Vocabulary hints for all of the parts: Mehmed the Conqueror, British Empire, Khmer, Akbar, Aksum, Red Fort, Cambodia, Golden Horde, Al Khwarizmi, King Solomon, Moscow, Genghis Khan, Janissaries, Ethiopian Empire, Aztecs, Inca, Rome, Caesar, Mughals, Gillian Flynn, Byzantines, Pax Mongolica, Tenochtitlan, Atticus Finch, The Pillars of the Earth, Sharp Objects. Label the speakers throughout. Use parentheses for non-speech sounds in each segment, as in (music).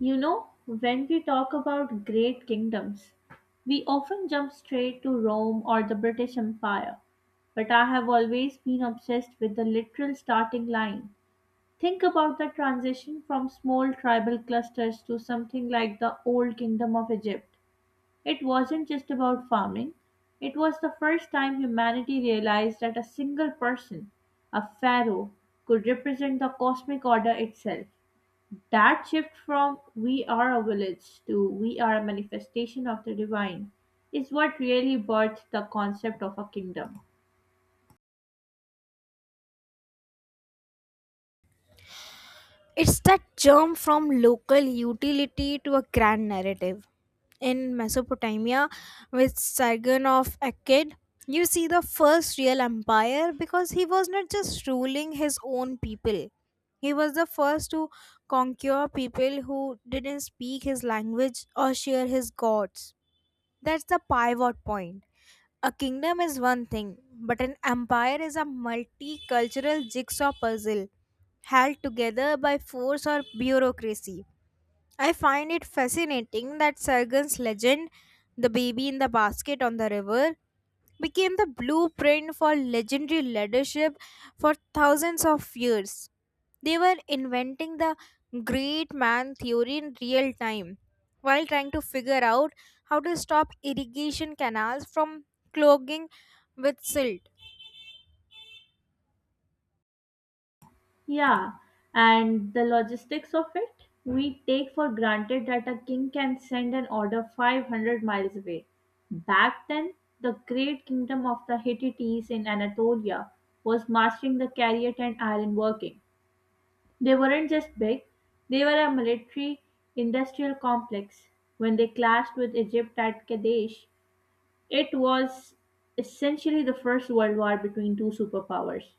Speaker 1: You know, when we talk about great kingdoms, we often jump straight to Rome or the British Empire, but I have always been obsessed with the literal starting line. Think about the transition from small tribal clusters to something like the Old Kingdom of Egypt. It wasn't just about farming, it was the first time humanity realized that a single person, a pharaoh, could represent the cosmic order itself. That shift from "we are a village" to "we are a manifestation of the divine" is what really birthed the concept of a kingdom.
Speaker 2: It's that jump from local utility to a grand narrative. In Mesopotamia, with Sargon of Akkad, you see the first real empire because he was not just ruling his own people. He was the first to conquer people who didn't speak his language or share his gods. That's the pivot point. A kingdom is one thing, but an empire is a multicultural jigsaw puzzle held together by force or bureaucracy. I find it fascinating that Sargon's legend, the baby in the basket on the river, became the blueprint for legendary leadership for thousands of years. They were inventing the great man theory in real time while trying to figure out how to stop irrigation canals from clogging with silt.
Speaker 1: Yeah, and the logistics of it? We take for granted that a king can send an order 500 miles away. Back then, the great kingdom of the Hittites in Anatolia was mastering the chariot and iron working. They weren't just big, they were a military industrial complex. When they clashed with Egypt at Kadesh, it was essentially the First World War between two superpowers.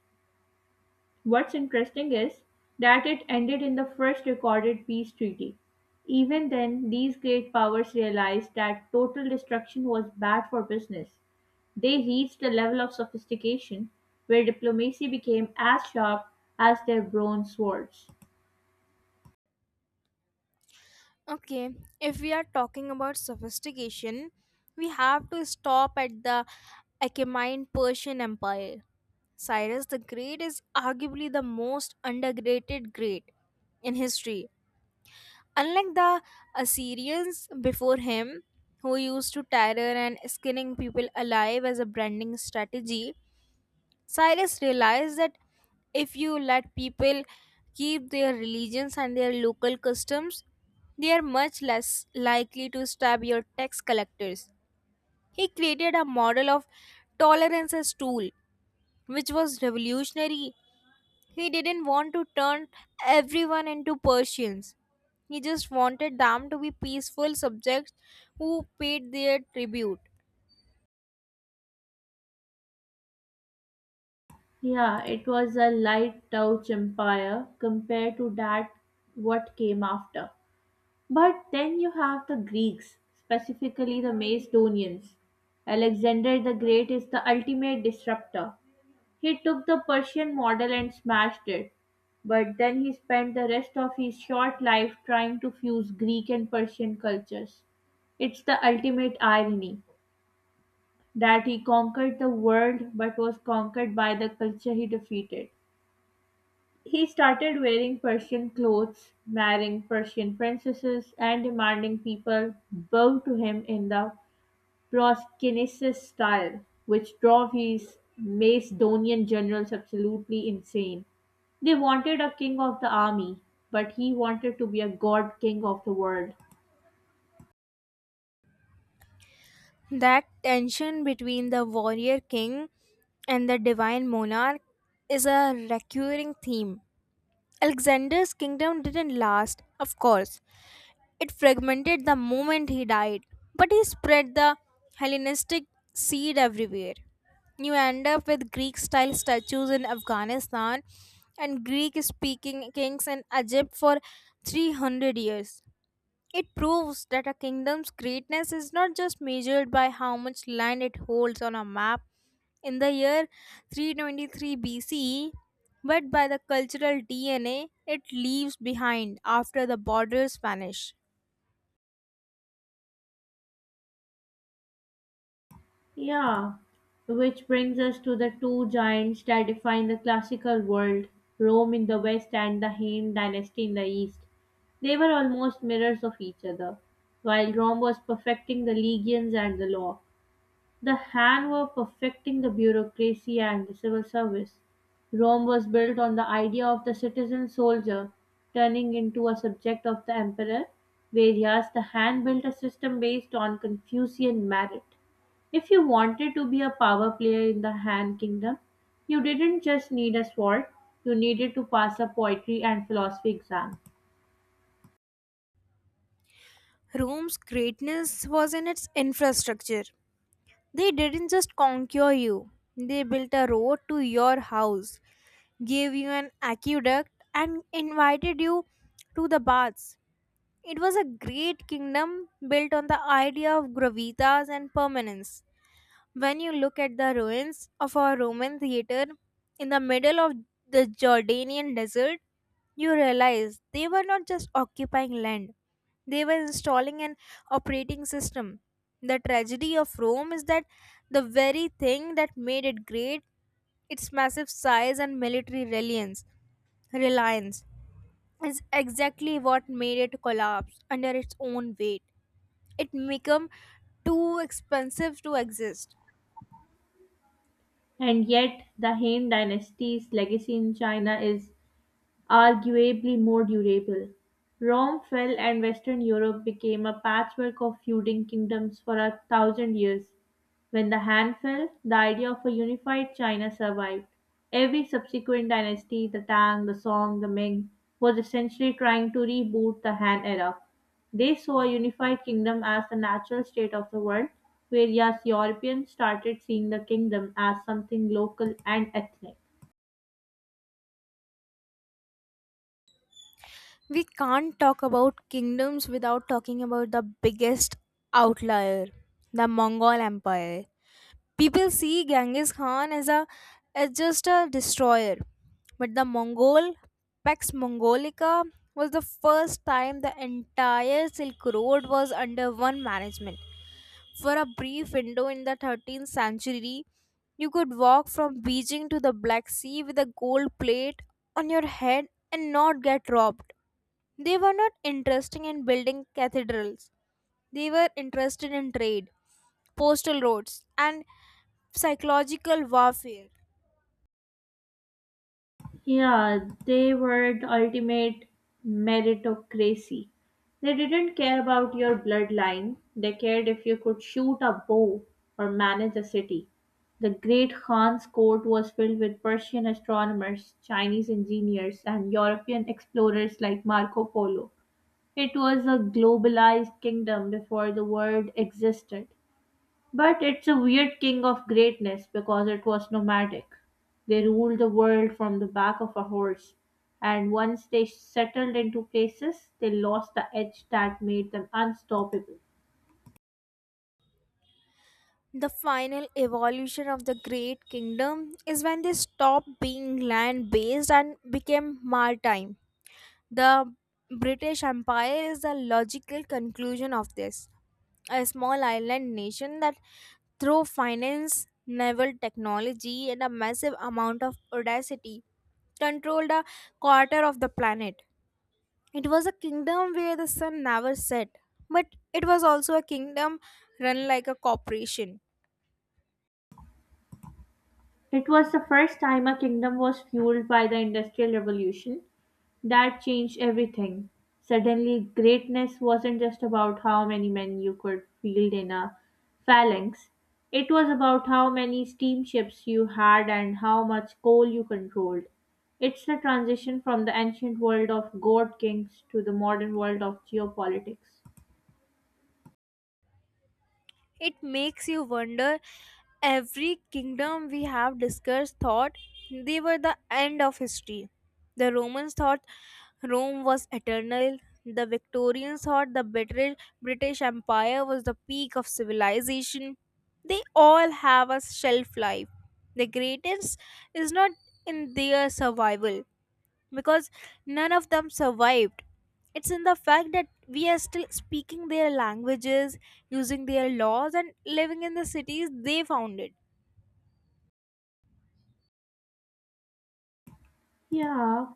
Speaker 1: What's interesting is that it ended in the first recorded peace treaty. Even then, these great powers realized that total destruction was bad for business. They reached a level of sophistication where diplomacy became as sharp as their bronze swords.
Speaker 2: Okay, if we are talking about sophistication, we have to stop at the Achaemenid Persian Empire. Cyrus the Great is arguably the most underrated great in history. Unlike the Assyrians before him, who used to terror and skinning people alive as a branding strategy, Cyrus realized that if you let people keep their religions and their local customs, they are much less likely to stab your tax collectors. He created a model of tolerance as tool, which was revolutionary. He didn't want to turn everyone into Persians. He just wanted them to be peaceful subjects who paid their tribute.
Speaker 1: Yeah, it was a light touch empire compared to that what came after. But then you have the Greeks, specifically the Macedonians. Alexander the Great is the ultimate disruptor. He took the Persian model and smashed it. But then he spent the rest of his short life trying to fuse Greek and Persian cultures. It's the ultimate irony that he conquered the world but was conquered by the culture he defeated. He started wearing Persian clothes, marrying Persian princesses, and demanding people bow to him in the Proskynesis style, which drove his Macedonian generals absolutely insane. They wanted a king of the army, but he wanted to be a god king of the world.
Speaker 2: That tension between the warrior king and the divine monarch is a recurring theme. Alexander's kingdom didn't last, of course. It fragmented the moment he died, but he spread the Hellenistic seed everywhere. You end up with Greek style statues in Afghanistan and Greek speaking kings in Egypt for 300 years. It proves that a kingdom's greatness is not just measured by how much land it holds on a map in the year 323 BCE, but by the cultural DNA it leaves behind after the borders vanish.
Speaker 1: Yeah, which brings us to the two giants that define the classical world, Rome in the west and the Han dynasty in the east. They were almost mirrors of each other. While Rome was perfecting the legions and the law, the Han were perfecting the bureaucracy and the civil service. Rome was built on the idea of the citizen soldier turning into a subject of the emperor, whereas the Han built a system based on Confucian merit. If you wanted to be a power player in the Han kingdom, you didn't just need a sword, you needed to pass a poetry and philosophy exam.
Speaker 2: Rome's greatness was in its infrastructure. They didn't just conquer you, they built a road to your house, gave you an aqueduct, and invited you to the baths. It was a great kingdom built on the idea of gravitas and permanence. When you look at the ruins of a Roman theater in the middle of the Jordanian desert, you realize they were not just occupying land, they were installing an operating system. The tragedy of Rome is that the very thing that made it great, its massive size and military reliance, reliance, is exactly what made it collapse under its own weight. It became too expensive to exist.
Speaker 1: And yet, the Han dynasty's legacy in China is arguably more durable. Rome fell and Western Europe became a patchwork of feuding kingdoms for 1,000 years. When the Han fell, the idea of a unified China survived. Every subsequent dynasty, the Tang, the Song, the Ming, was essentially trying to reboot the Han era. They saw a unified kingdom as the natural state of the world, whereas Europeans started seeing the kingdom as something local and ethnic.
Speaker 2: We can't talk about kingdoms without talking about the biggest outlier, the Mongol Empire. People see Genghis Khan as just a destroyer, but the Mongol Pax Mongolica was the first time the entire Silk Road was under one management. For a brief window in the 13th century, you could walk from Beijing to the Black Sea with a gold plate on your head and not get robbed. They were not interested in building cathedrals. They were interested in trade, postal roads, and psychological warfare.
Speaker 1: Yeah, they were the ultimate meritocracy. They didn't care about your bloodline, they cared if you could shoot a bow or manage a city. The great Khan's court was filled with Persian astronomers, Chinese engineers, and European explorers like Marco Polo. It was a globalized kingdom before the word existed. But it's a weird king of greatness because it was nomadic. They ruled the world from the back of a horse, and once they settled into places, they lost the edge that made them unstoppable.
Speaker 2: The final evolution of the Great Kingdom is when they stopped being land based and became maritime. The British Empire is the logical conclusion of this. A small island nation that, through finance, naval technology, and a massive amount of audacity, controlled a quarter of the planet. It was a kingdom where the sun never set, but it was also a kingdom run like a corporation.
Speaker 1: It was the first time a kingdom was fueled by the Industrial Revolution. That changed everything. Suddenly, greatness wasn't just about how many men you could field in a phalanx, it was about how many steamships you had and how much coal you controlled. It's the transition from the ancient world of god kings to the modern world of geopolitics.
Speaker 2: It makes you wonder, every kingdom we have discussed thought they were the end of history. The Romans thought Rome was eternal. The Victorians thought the British Empire was the peak of civilization. They all have a shelf life. The greatest is not in their survival because none of them survived. It's in the fact that we are still speaking their languages, using their laws, and living in the cities they founded.
Speaker 1: Yeah,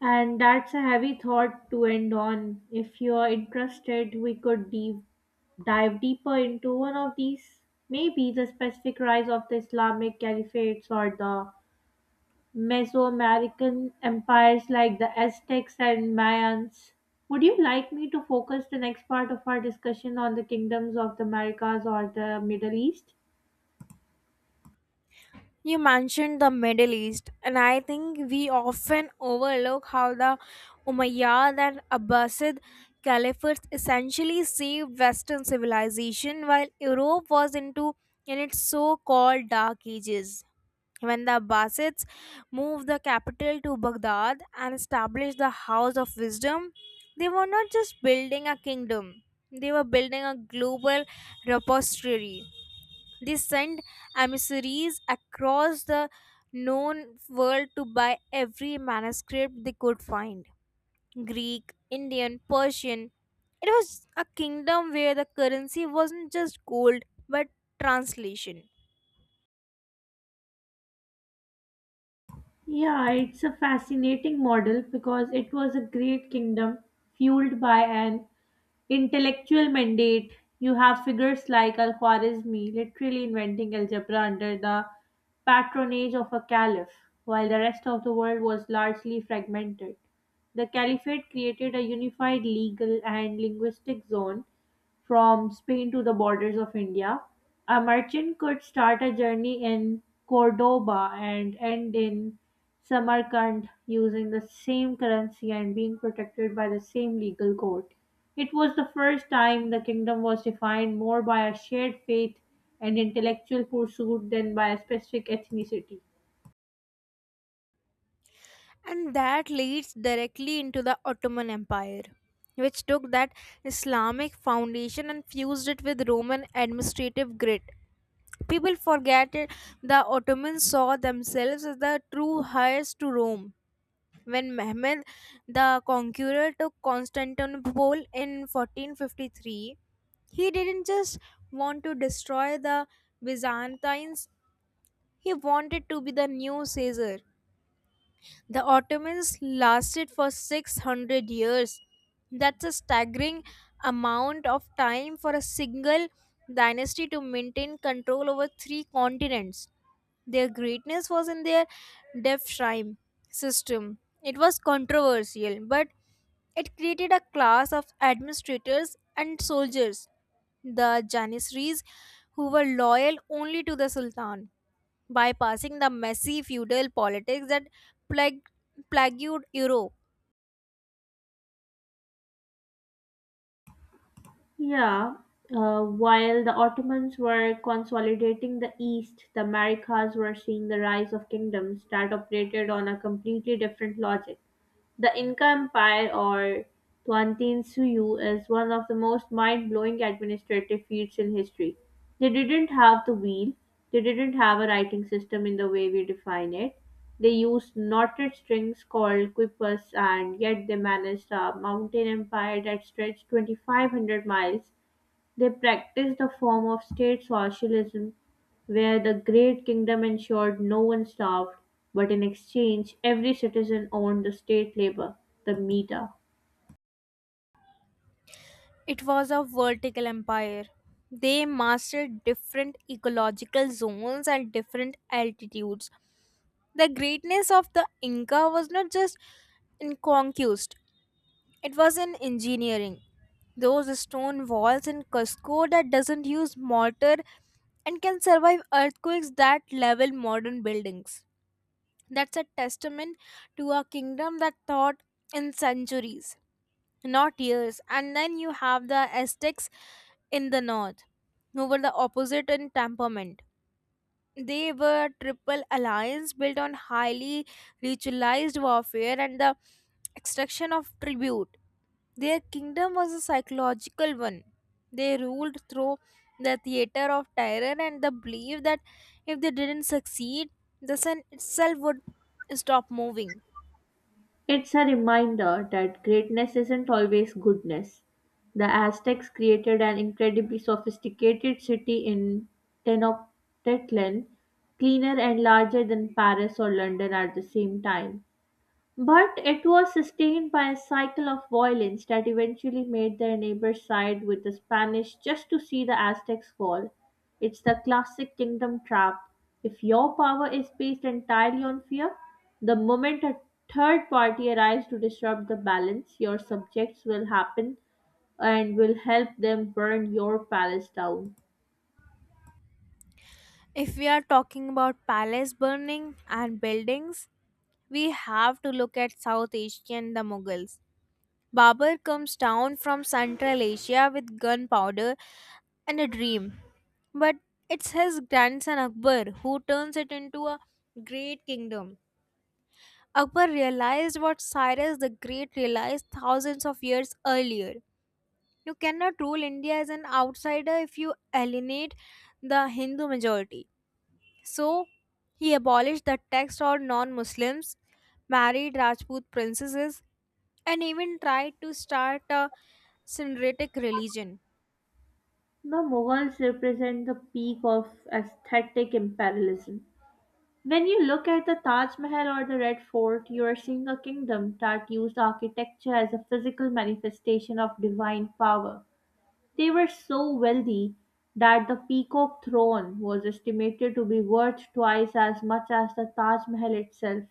Speaker 1: and that's a heavy thought to end on. If you're interested, we could dive deeper into one of these, maybe the specific rise of the Islamic caliphates or the Mesoamerican empires like the Aztecs and Mayans. Would you like me to focus the next part of our discussion on the kingdoms of the Americas or the Middle East?
Speaker 2: You mentioned the Middle East, and I think we often overlook how the Umayyad and Abbasid caliphates essentially saved Western civilization while Europe was into in its so called dark ages. When the Abbasids moved the capital to Baghdad and established the House of Wisdom, they were not just building a kingdom, they were building a global repository. They sent emissaries across the known world to buy every manuscript they could find: Greek, Indian, Persian. It was a kingdom where the currency wasn't just gold but translation.
Speaker 1: Yeah, it's a fascinating model because it was a great kingdom fueled by an intellectual mandate. You have figures like Al Khwarizmi literally inventing algebra under the patronage of a caliph, while the rest of the world was largely fragmented. The caliphate created a unified legal and linguistic zone from Spain to the borders of India, a merchant could start a journey in Cordoba and end in Samarkand using the same currency and being protected by the same legal code. It was the first time the kingdom was defined more by a shared faith and intellectual pursuit than by a specific ethnicity.
Speaker 2: And that leads directly into the Ottoman Empire, which took that Islamic foundation and fused it with Roman administrative grit. People forget it, the Ottomans saw themselves as the true heirs to Rome. When Mehmed the Conqueror took Constantinople in 1453, he didn't just want to destroy the Byzantines, he wanted to be the new Caesar. The Ottomans lasted for 600 years. That's a staggering amount of time for a single dynasty to maintain control over three continents. Their greatness was in their devshirme system. It was controversial, but it created a class of administrators and soldiers, the Janissaries, who were loyal only to the Sultan, bypassing the messy feudal politics that plagued, plagued Europe.
Speaker 1: Yeah, while the Ottomans were consolidating the East, the Americas were seeing the rise of kingdoms that operated on a completely different logic. The Inca Empire or Tuantin Suyu is one of the most mind blowing administrative feats in history. They didn't have the wheel, they didn't have a writing system in the way we define it. They used knotted strings called quipus, and yet they managed a mountain empire that stretched 2,500 miles. They practiced a form of state socialism where the great kingdom ensured no one starved, but in exchange, every citizen owned the state labor, the meter.
Speaker 2: It was a vertical empire. They mastered different ecological zones and different altitudes. The greatness of the Inca was not just in conquest, it was in engineering. Those stone walls in Cusco that doesn't use mortar and can survive earthquakes that level modern buildings. That's a testament to a kingdom that thought in centuries, not years. And then you have the Aztecs in the north, who were the opposite in temperament. They were triple alliance built on highly ritualized warfare and the extraction of tribute. Their kingdom was a psychological one. They ruled through the theater of terror and the belief that if they didn't succeed, the sun itself would stop moving.
Speaker 1: It's a reminder that greatness isn't always goodness. The Aztecs created an incredibly sophisticated city in Tenochtitlan, cleaner and larger than Paris or London at the same time. But it was sustained by a cycle of violence that eventually made their neighbors side with the Spanish just to see the Aztecs fall. It's the classic kingdom trap. If your power is based entirely on fear, the moment a third party arrives to disrupt the balance, your subjects will happen and will help them burn your palace down.
Speaker 2: If we are talking about palace burning and buildings, we have to look at South Asia and the Mughals. Babur comes down from Central Asia with gunpowder and a dream. But it's his grandson Akbar who turns it into a great kingdom. Akbar realized what Cyrus the Great realized thousands of years earlier. You cannot rule India as an outsider if you alienate the Hindu majority. So, he abolished the tax on non Muslims, married Rajput princesses, and even tried to start a syncretic religion.
Speaker 1: The Mughals represent the peak of aesthetic imperialism. When you look at the Taj Mahal or the Red Fort, you are seeing a kingdom that used architecture as a physical manifestation of divine power. They were so wealthy that the Peacock throne was estimated to be worth twice as much as the Taj Mahal itself.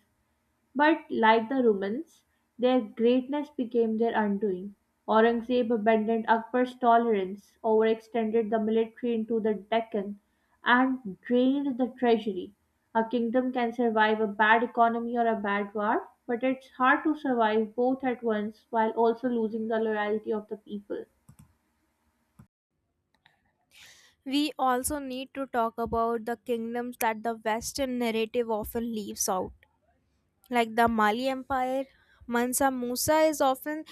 Speaker 1: But like the Romans, their greatness became their undoing. Aurangzeb abandoned Akbar's tolerance, overextended the military into the Deccan, and drained the treasury. A kingdom can survive a bad economy or a bad war, but it's hard to survive both at once while also losing the loyalty of the people.
Speaker 2: We also need to talk about the kingdoms that the Western narrative often leaves out, like the Mali Empire. Mansa Musa is often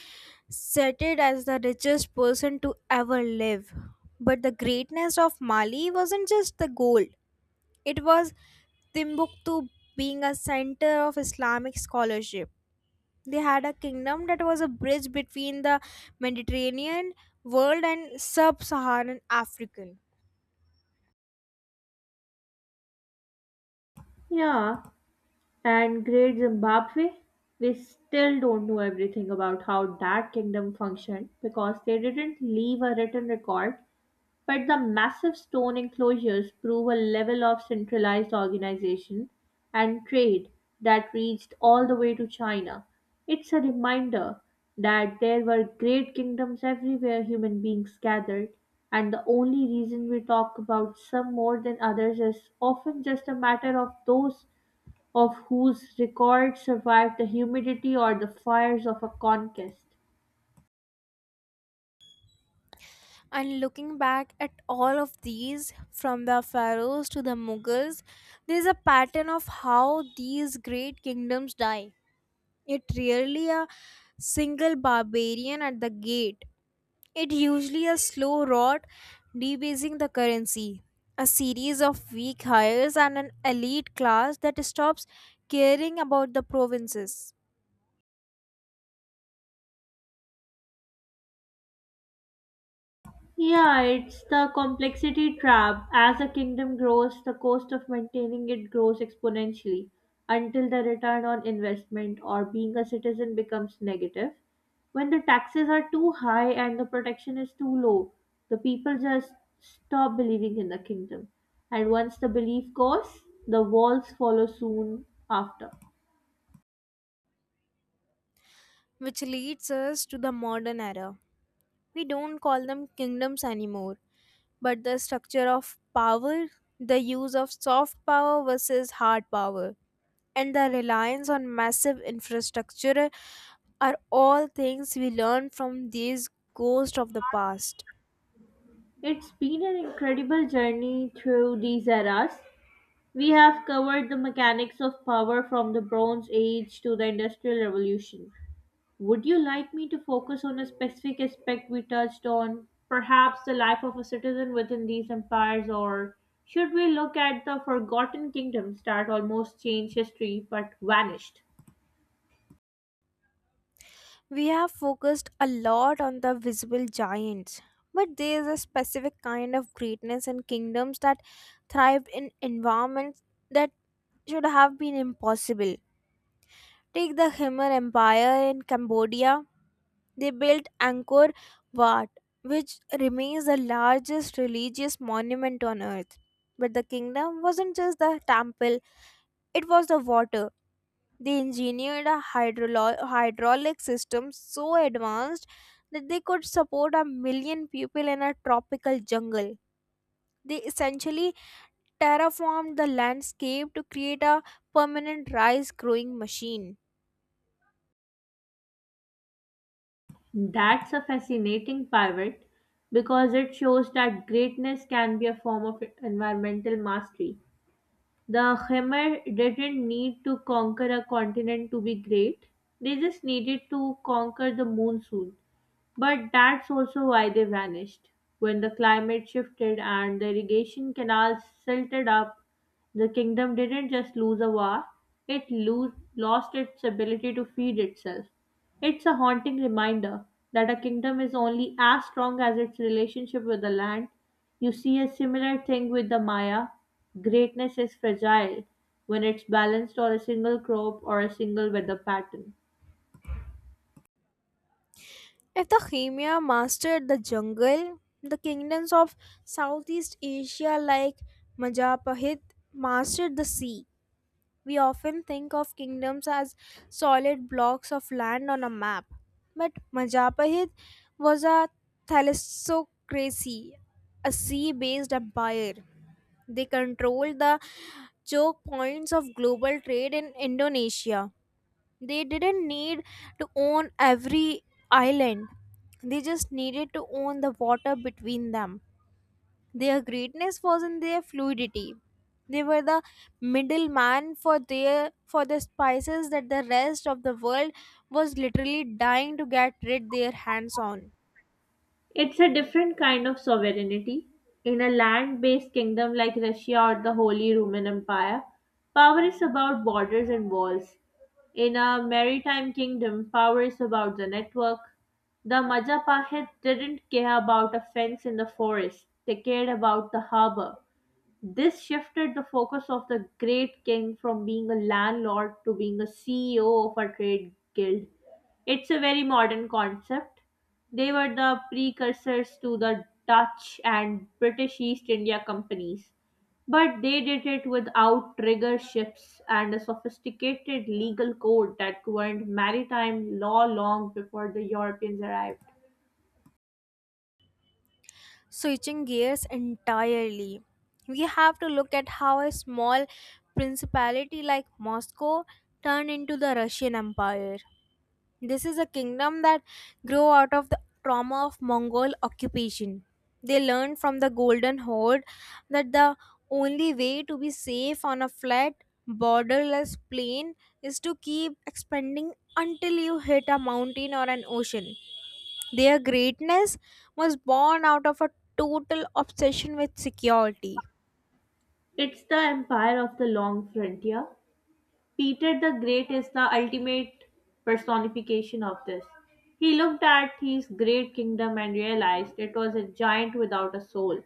Speaker 2: cited as the richest person to ever live. But the greatness of Mali wasn't just the gold, it was Timbuktu being a center of Islamic scholarship. They had a kingdom that was a bridge between the Mediterranean world and sub Saharan Africa.
Speaker 1: Yeah, and great Zimbabwe, we still don't know everything about how that kingdom functioned because they didn't leave a written record. But the massive stone enclosures prove a level of centralized organization and trade that reached all the way to China. It's a reminder that there were great kingdoms everywhere human beings gathered, and the only reason we talk about some more than others is often just a matter of those of whose records survived the humidity or the fires of a conquest.
Speaker 2: And looking back at all of these, from the pharaohs to the Mughals, there is a pattern of how these great kingdoms die. It rarely a single barbarian at the gate. It usually a slow rot, debasing the currency, a series of weak hires, and an elite class that stops caring about the provinces,
Speaker 1: Yeah, it's the complexity trap. As a kingdom grows, the cost of maintaining it grows exponentially until the return on investment or being a citizen becomes negative. When the taxes are too high and the protection is too low, the people just stop believing in the kingdom. And once the belief goes, the walls follow soon after.
Speaker 2: which leads us to the modern era. We don't call them kingdoms anymore, but the structure of power, the use of soft power versus hard power, and the reliance on massive infrastructure are all things we learn from these ghosts of the past.
Speaker 1: It's been an incredible journey through these eras. We have covered the mechanics of power from the Bronze Age to the Industrial Revolution. Would you like me to focus on a specific aspect we touched on, perhaps the life of a citizen within these empires, or should we look at the forgotten kingdoms that almost changed history but vanished?
Speaker 2: We have focused a lot on the visible giants, but there is a specific kind of greatness in kingdoms that thrived in environments that should have been impossible. Take the Khmer Empire in Cambodia. They built Angkor Wat, which remains the largest religious monument on earth. But the kingdom wasn't just the temple, it was the water. They engineered a hydraulic system so advanced that they could support a million people in a tropical jungle. They essentially terraformed the landscape to create a permanent rice growing machine.
Speaker 1: That's a fascinating pivot because it shows that greatness can be a form of environmental mastery. The Khmer didn't need to conquer a continent to be great. They just needed to conquer the moon soon. But that's also why they vanished. When the climate shifted and the irrigation canals silted up, the kingdom didn't just lose a war, it lost its ability to feed itself. It's a haunting reminder that a kingdom is only as strong as its relationship with the land. You see a similar thing with the Maya. Greatness is fragile when it's balanced on a single crop or a single weather pattern.
Speaker 2: If the Khmer mastered the jungle, the kingdoms of Southeast Asia like Majapahit mastered the sea. We often think of kingdoms as solid blocks of land on a map, but Majapahit was a thalassocracy, a sea based empire. They controlled the choke points of global trade in Indonesia. They didn't need to own every island, they just needed to own the water between them. Their greatness was in their fluidity. They were the middleman for the spices that the rest of the world was literally dying to get rid their hands on.
Speaker 1: It's a different kind of sovereignty. In a land based kingdom like Russia or the Holy Roman Empire, power is about borders and walls. In a maritime kingdom, power is about the network. The Majapahit didn't care about a fence in the forest, they cared about the harbor. This shifted the focus of the great king from being a landlord to being a CEO of a trade guild. It's a very modern concept. They were the precursors to the Dutch and British East India companies, but they did it without triggerships and a sophisticated legal code that governed maritime law long before the Europeans arrived.
Speaker 2: Switching gears entirely. We have to look at how a small principality like Moscow turned into the Russian Empire. This is a kingdom that grew out of the trauma of Mongol occupation. They learned from the Golden Horde that the only way to be safe on a flat, borderless plain is to keep expanding until you hit a mountain or an ocean. Their greatness was born out of a total obsession with security.
Speaker 1: It's the empire of the long frontier. Peter the Great is the ultimate personification of this. He looked at his great kingdom and realized it was a giant without a soul,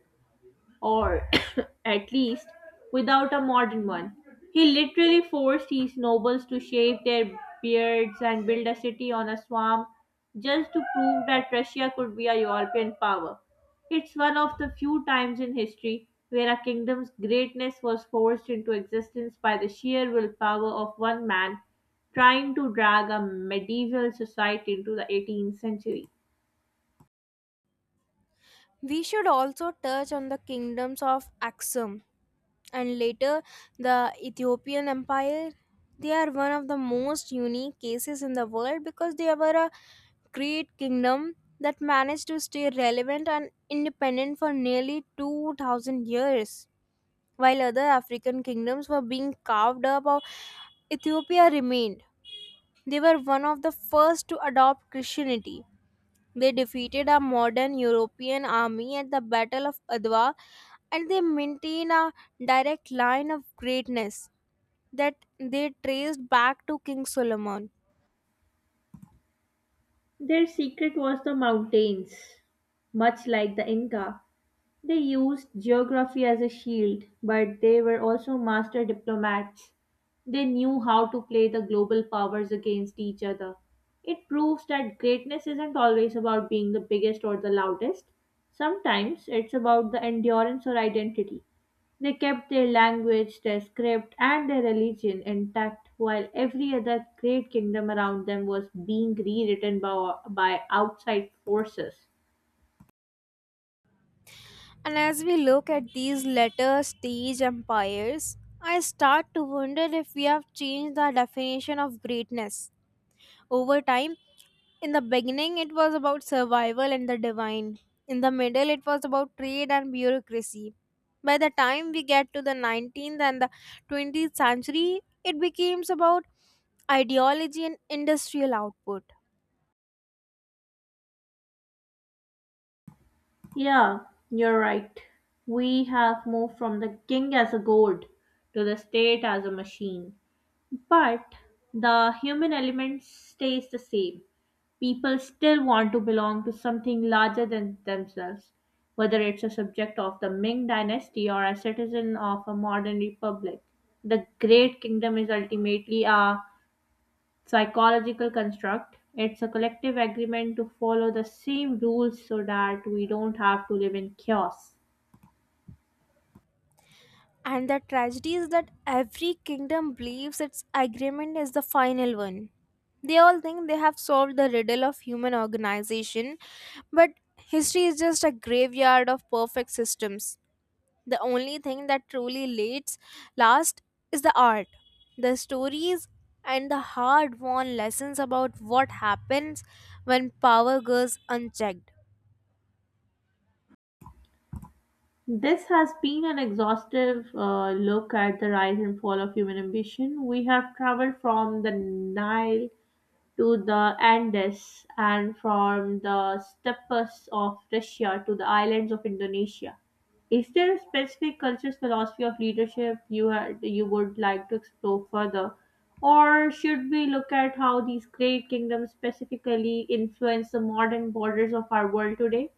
Speaker 1: or (coughs) at least without a modern one. He literally forced his nobles to shave their beards and build a city on a swamp just to prove that Russia could be a European power. It's one of the few times in history where a kingdom's greatness was forced into existence by the sheer willpower of one man trying to drag a medieval society into the 18th century.
Speaker 2: We should also touch on the kingdoms of Aksum and later the Ethiopian Empire. They are one of the most unique cases in the world because they were a great kingdom that managed to stay relevant and independent for nearly 2000 years. While other African kingdoms were being carved up, or Ethiopia remained. They were one of the first to adopt Christianity, they defeated a modern European army at the Battle of Adwa, and they maintain a direct line of greatness that they traced back to King Solomon.
Speaker 1: Their secret was the mountains. Much like the Inca, they used geography as a shield, but they were also master diplomats. They knew how to play the global powers against each other. It proves that greatness isn't always about being the biggest or the loudest. Sometimes it's about the endurance or identity. They kept their language, their script, and their religion intact while every other great kingdom around them was being rewritten by outside forces.
Speaker 2: And as we look at these later stage empires, I start to wonder if we have changed the definition of greatness. Over time, in the beginning, it was about survival and the divine. In the middle, it was about trade and bureaucracy. By the time we get to the 19th and the 20th century, it becomes about ideology and industrial output.
Speaker 1: Yeah, you're right. We have moved from the king as a god to the state as a machine. But the human element stays the same. People still want to belong to something larger than themselves, whether it's a subject of the Ming dynasty or a citizen of a modern republic. The Great Kingdom is ultimately a psychological construct. It's a collective agreement to follow the same rules so that we don't have to live in chaos.
Speaker 2: And the tragedy is that every kingdom believes its agreement is the final one. They all think they have solved the riddle of human organization, but history is just a graveyard of perfect systems. The only thing that truly lasts last is the art, the stories, and the hard-won lessons about what happens when power goes unchecked.
Speaker 1: This has been an exhaustive look at the rise and fall of human ambition. We have traveled from the Nile to the Andes and from the steppes of Russia to the islands of Indonesia. Is there a specific culture's philosophy of leadership you would like to explore further, or should we look at how these great kingdoms specifically influence the modern borders of our world today?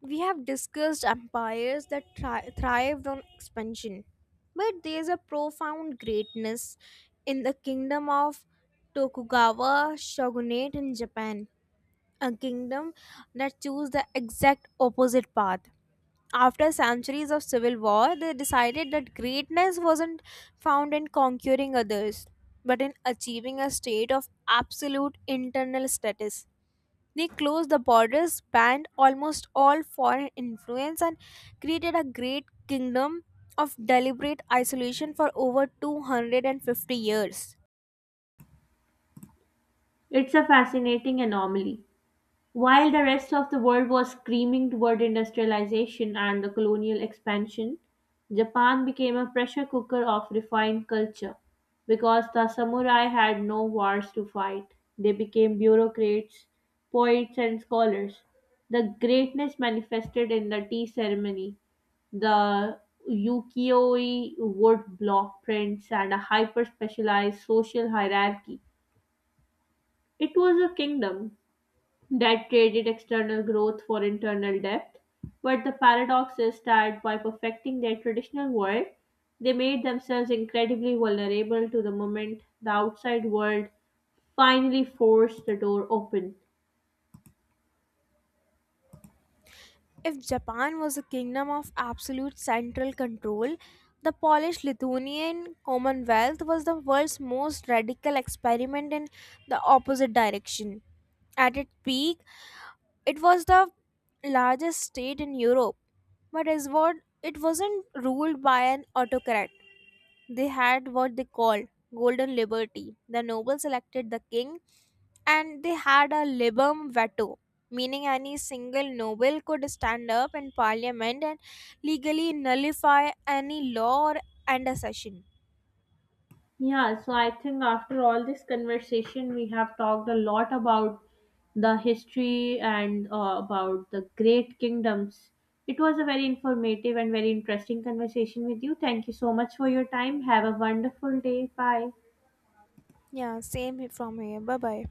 Speaker 2: We have discussed empires that thrived on expansion, but there is a profound greatness in the kingdom of Tokugawa shogunate in Japan, a kingdom that chose the exact opposite path. After centuries of civil war, they decided that greatness wasn't found in conquering others, but in achieving a state of absolute internal status. They closed the borders, banned almost all foreign influence, and created a great kingdom of deliberate isolation for over 250 years.
Speaker 1: It's a fascinating anomaly. While the rest of the world was screaming toward industrialization and the colonial expansion, Japan became a pressure cooker of refined culture. Because the samurai had no wars to fight, they became bureaucrats, poets, and scholars. The greatness manifested in the tea ceremony, the ukiyo-e wood block prints, and a hyper-specialized social hierarchy. It was a kingdom that traded external growth for internal depth. But the paradox is that by perfecting their traditional world, they made themselves incredibly vulnerable to the moment the outside world finally forced the door open.
Speaker 2: If Japan was a kingdom of absolute central control, the Polish Lithuanian Commonwealth was the world's most radical experiment in the opposite direction. At its peak, it was the largest state in Europe, but as what, it wasn't ruled by an autocrat. They had what they called golden liberty. The nobles elected the king and they had a libum veto, meaning any single noble could stand up in parliament and legally nullify any law or and a session.
Speaker 1: Yeah, so I think after all this conversation, we have talked a lot about the history and about the great kingdoms. It was a very informative and very interesting conversation with you. Thank you so much for your time. Have a wonderful day. Bye.
Speaker 2: Yeah, same from here. Bye bye.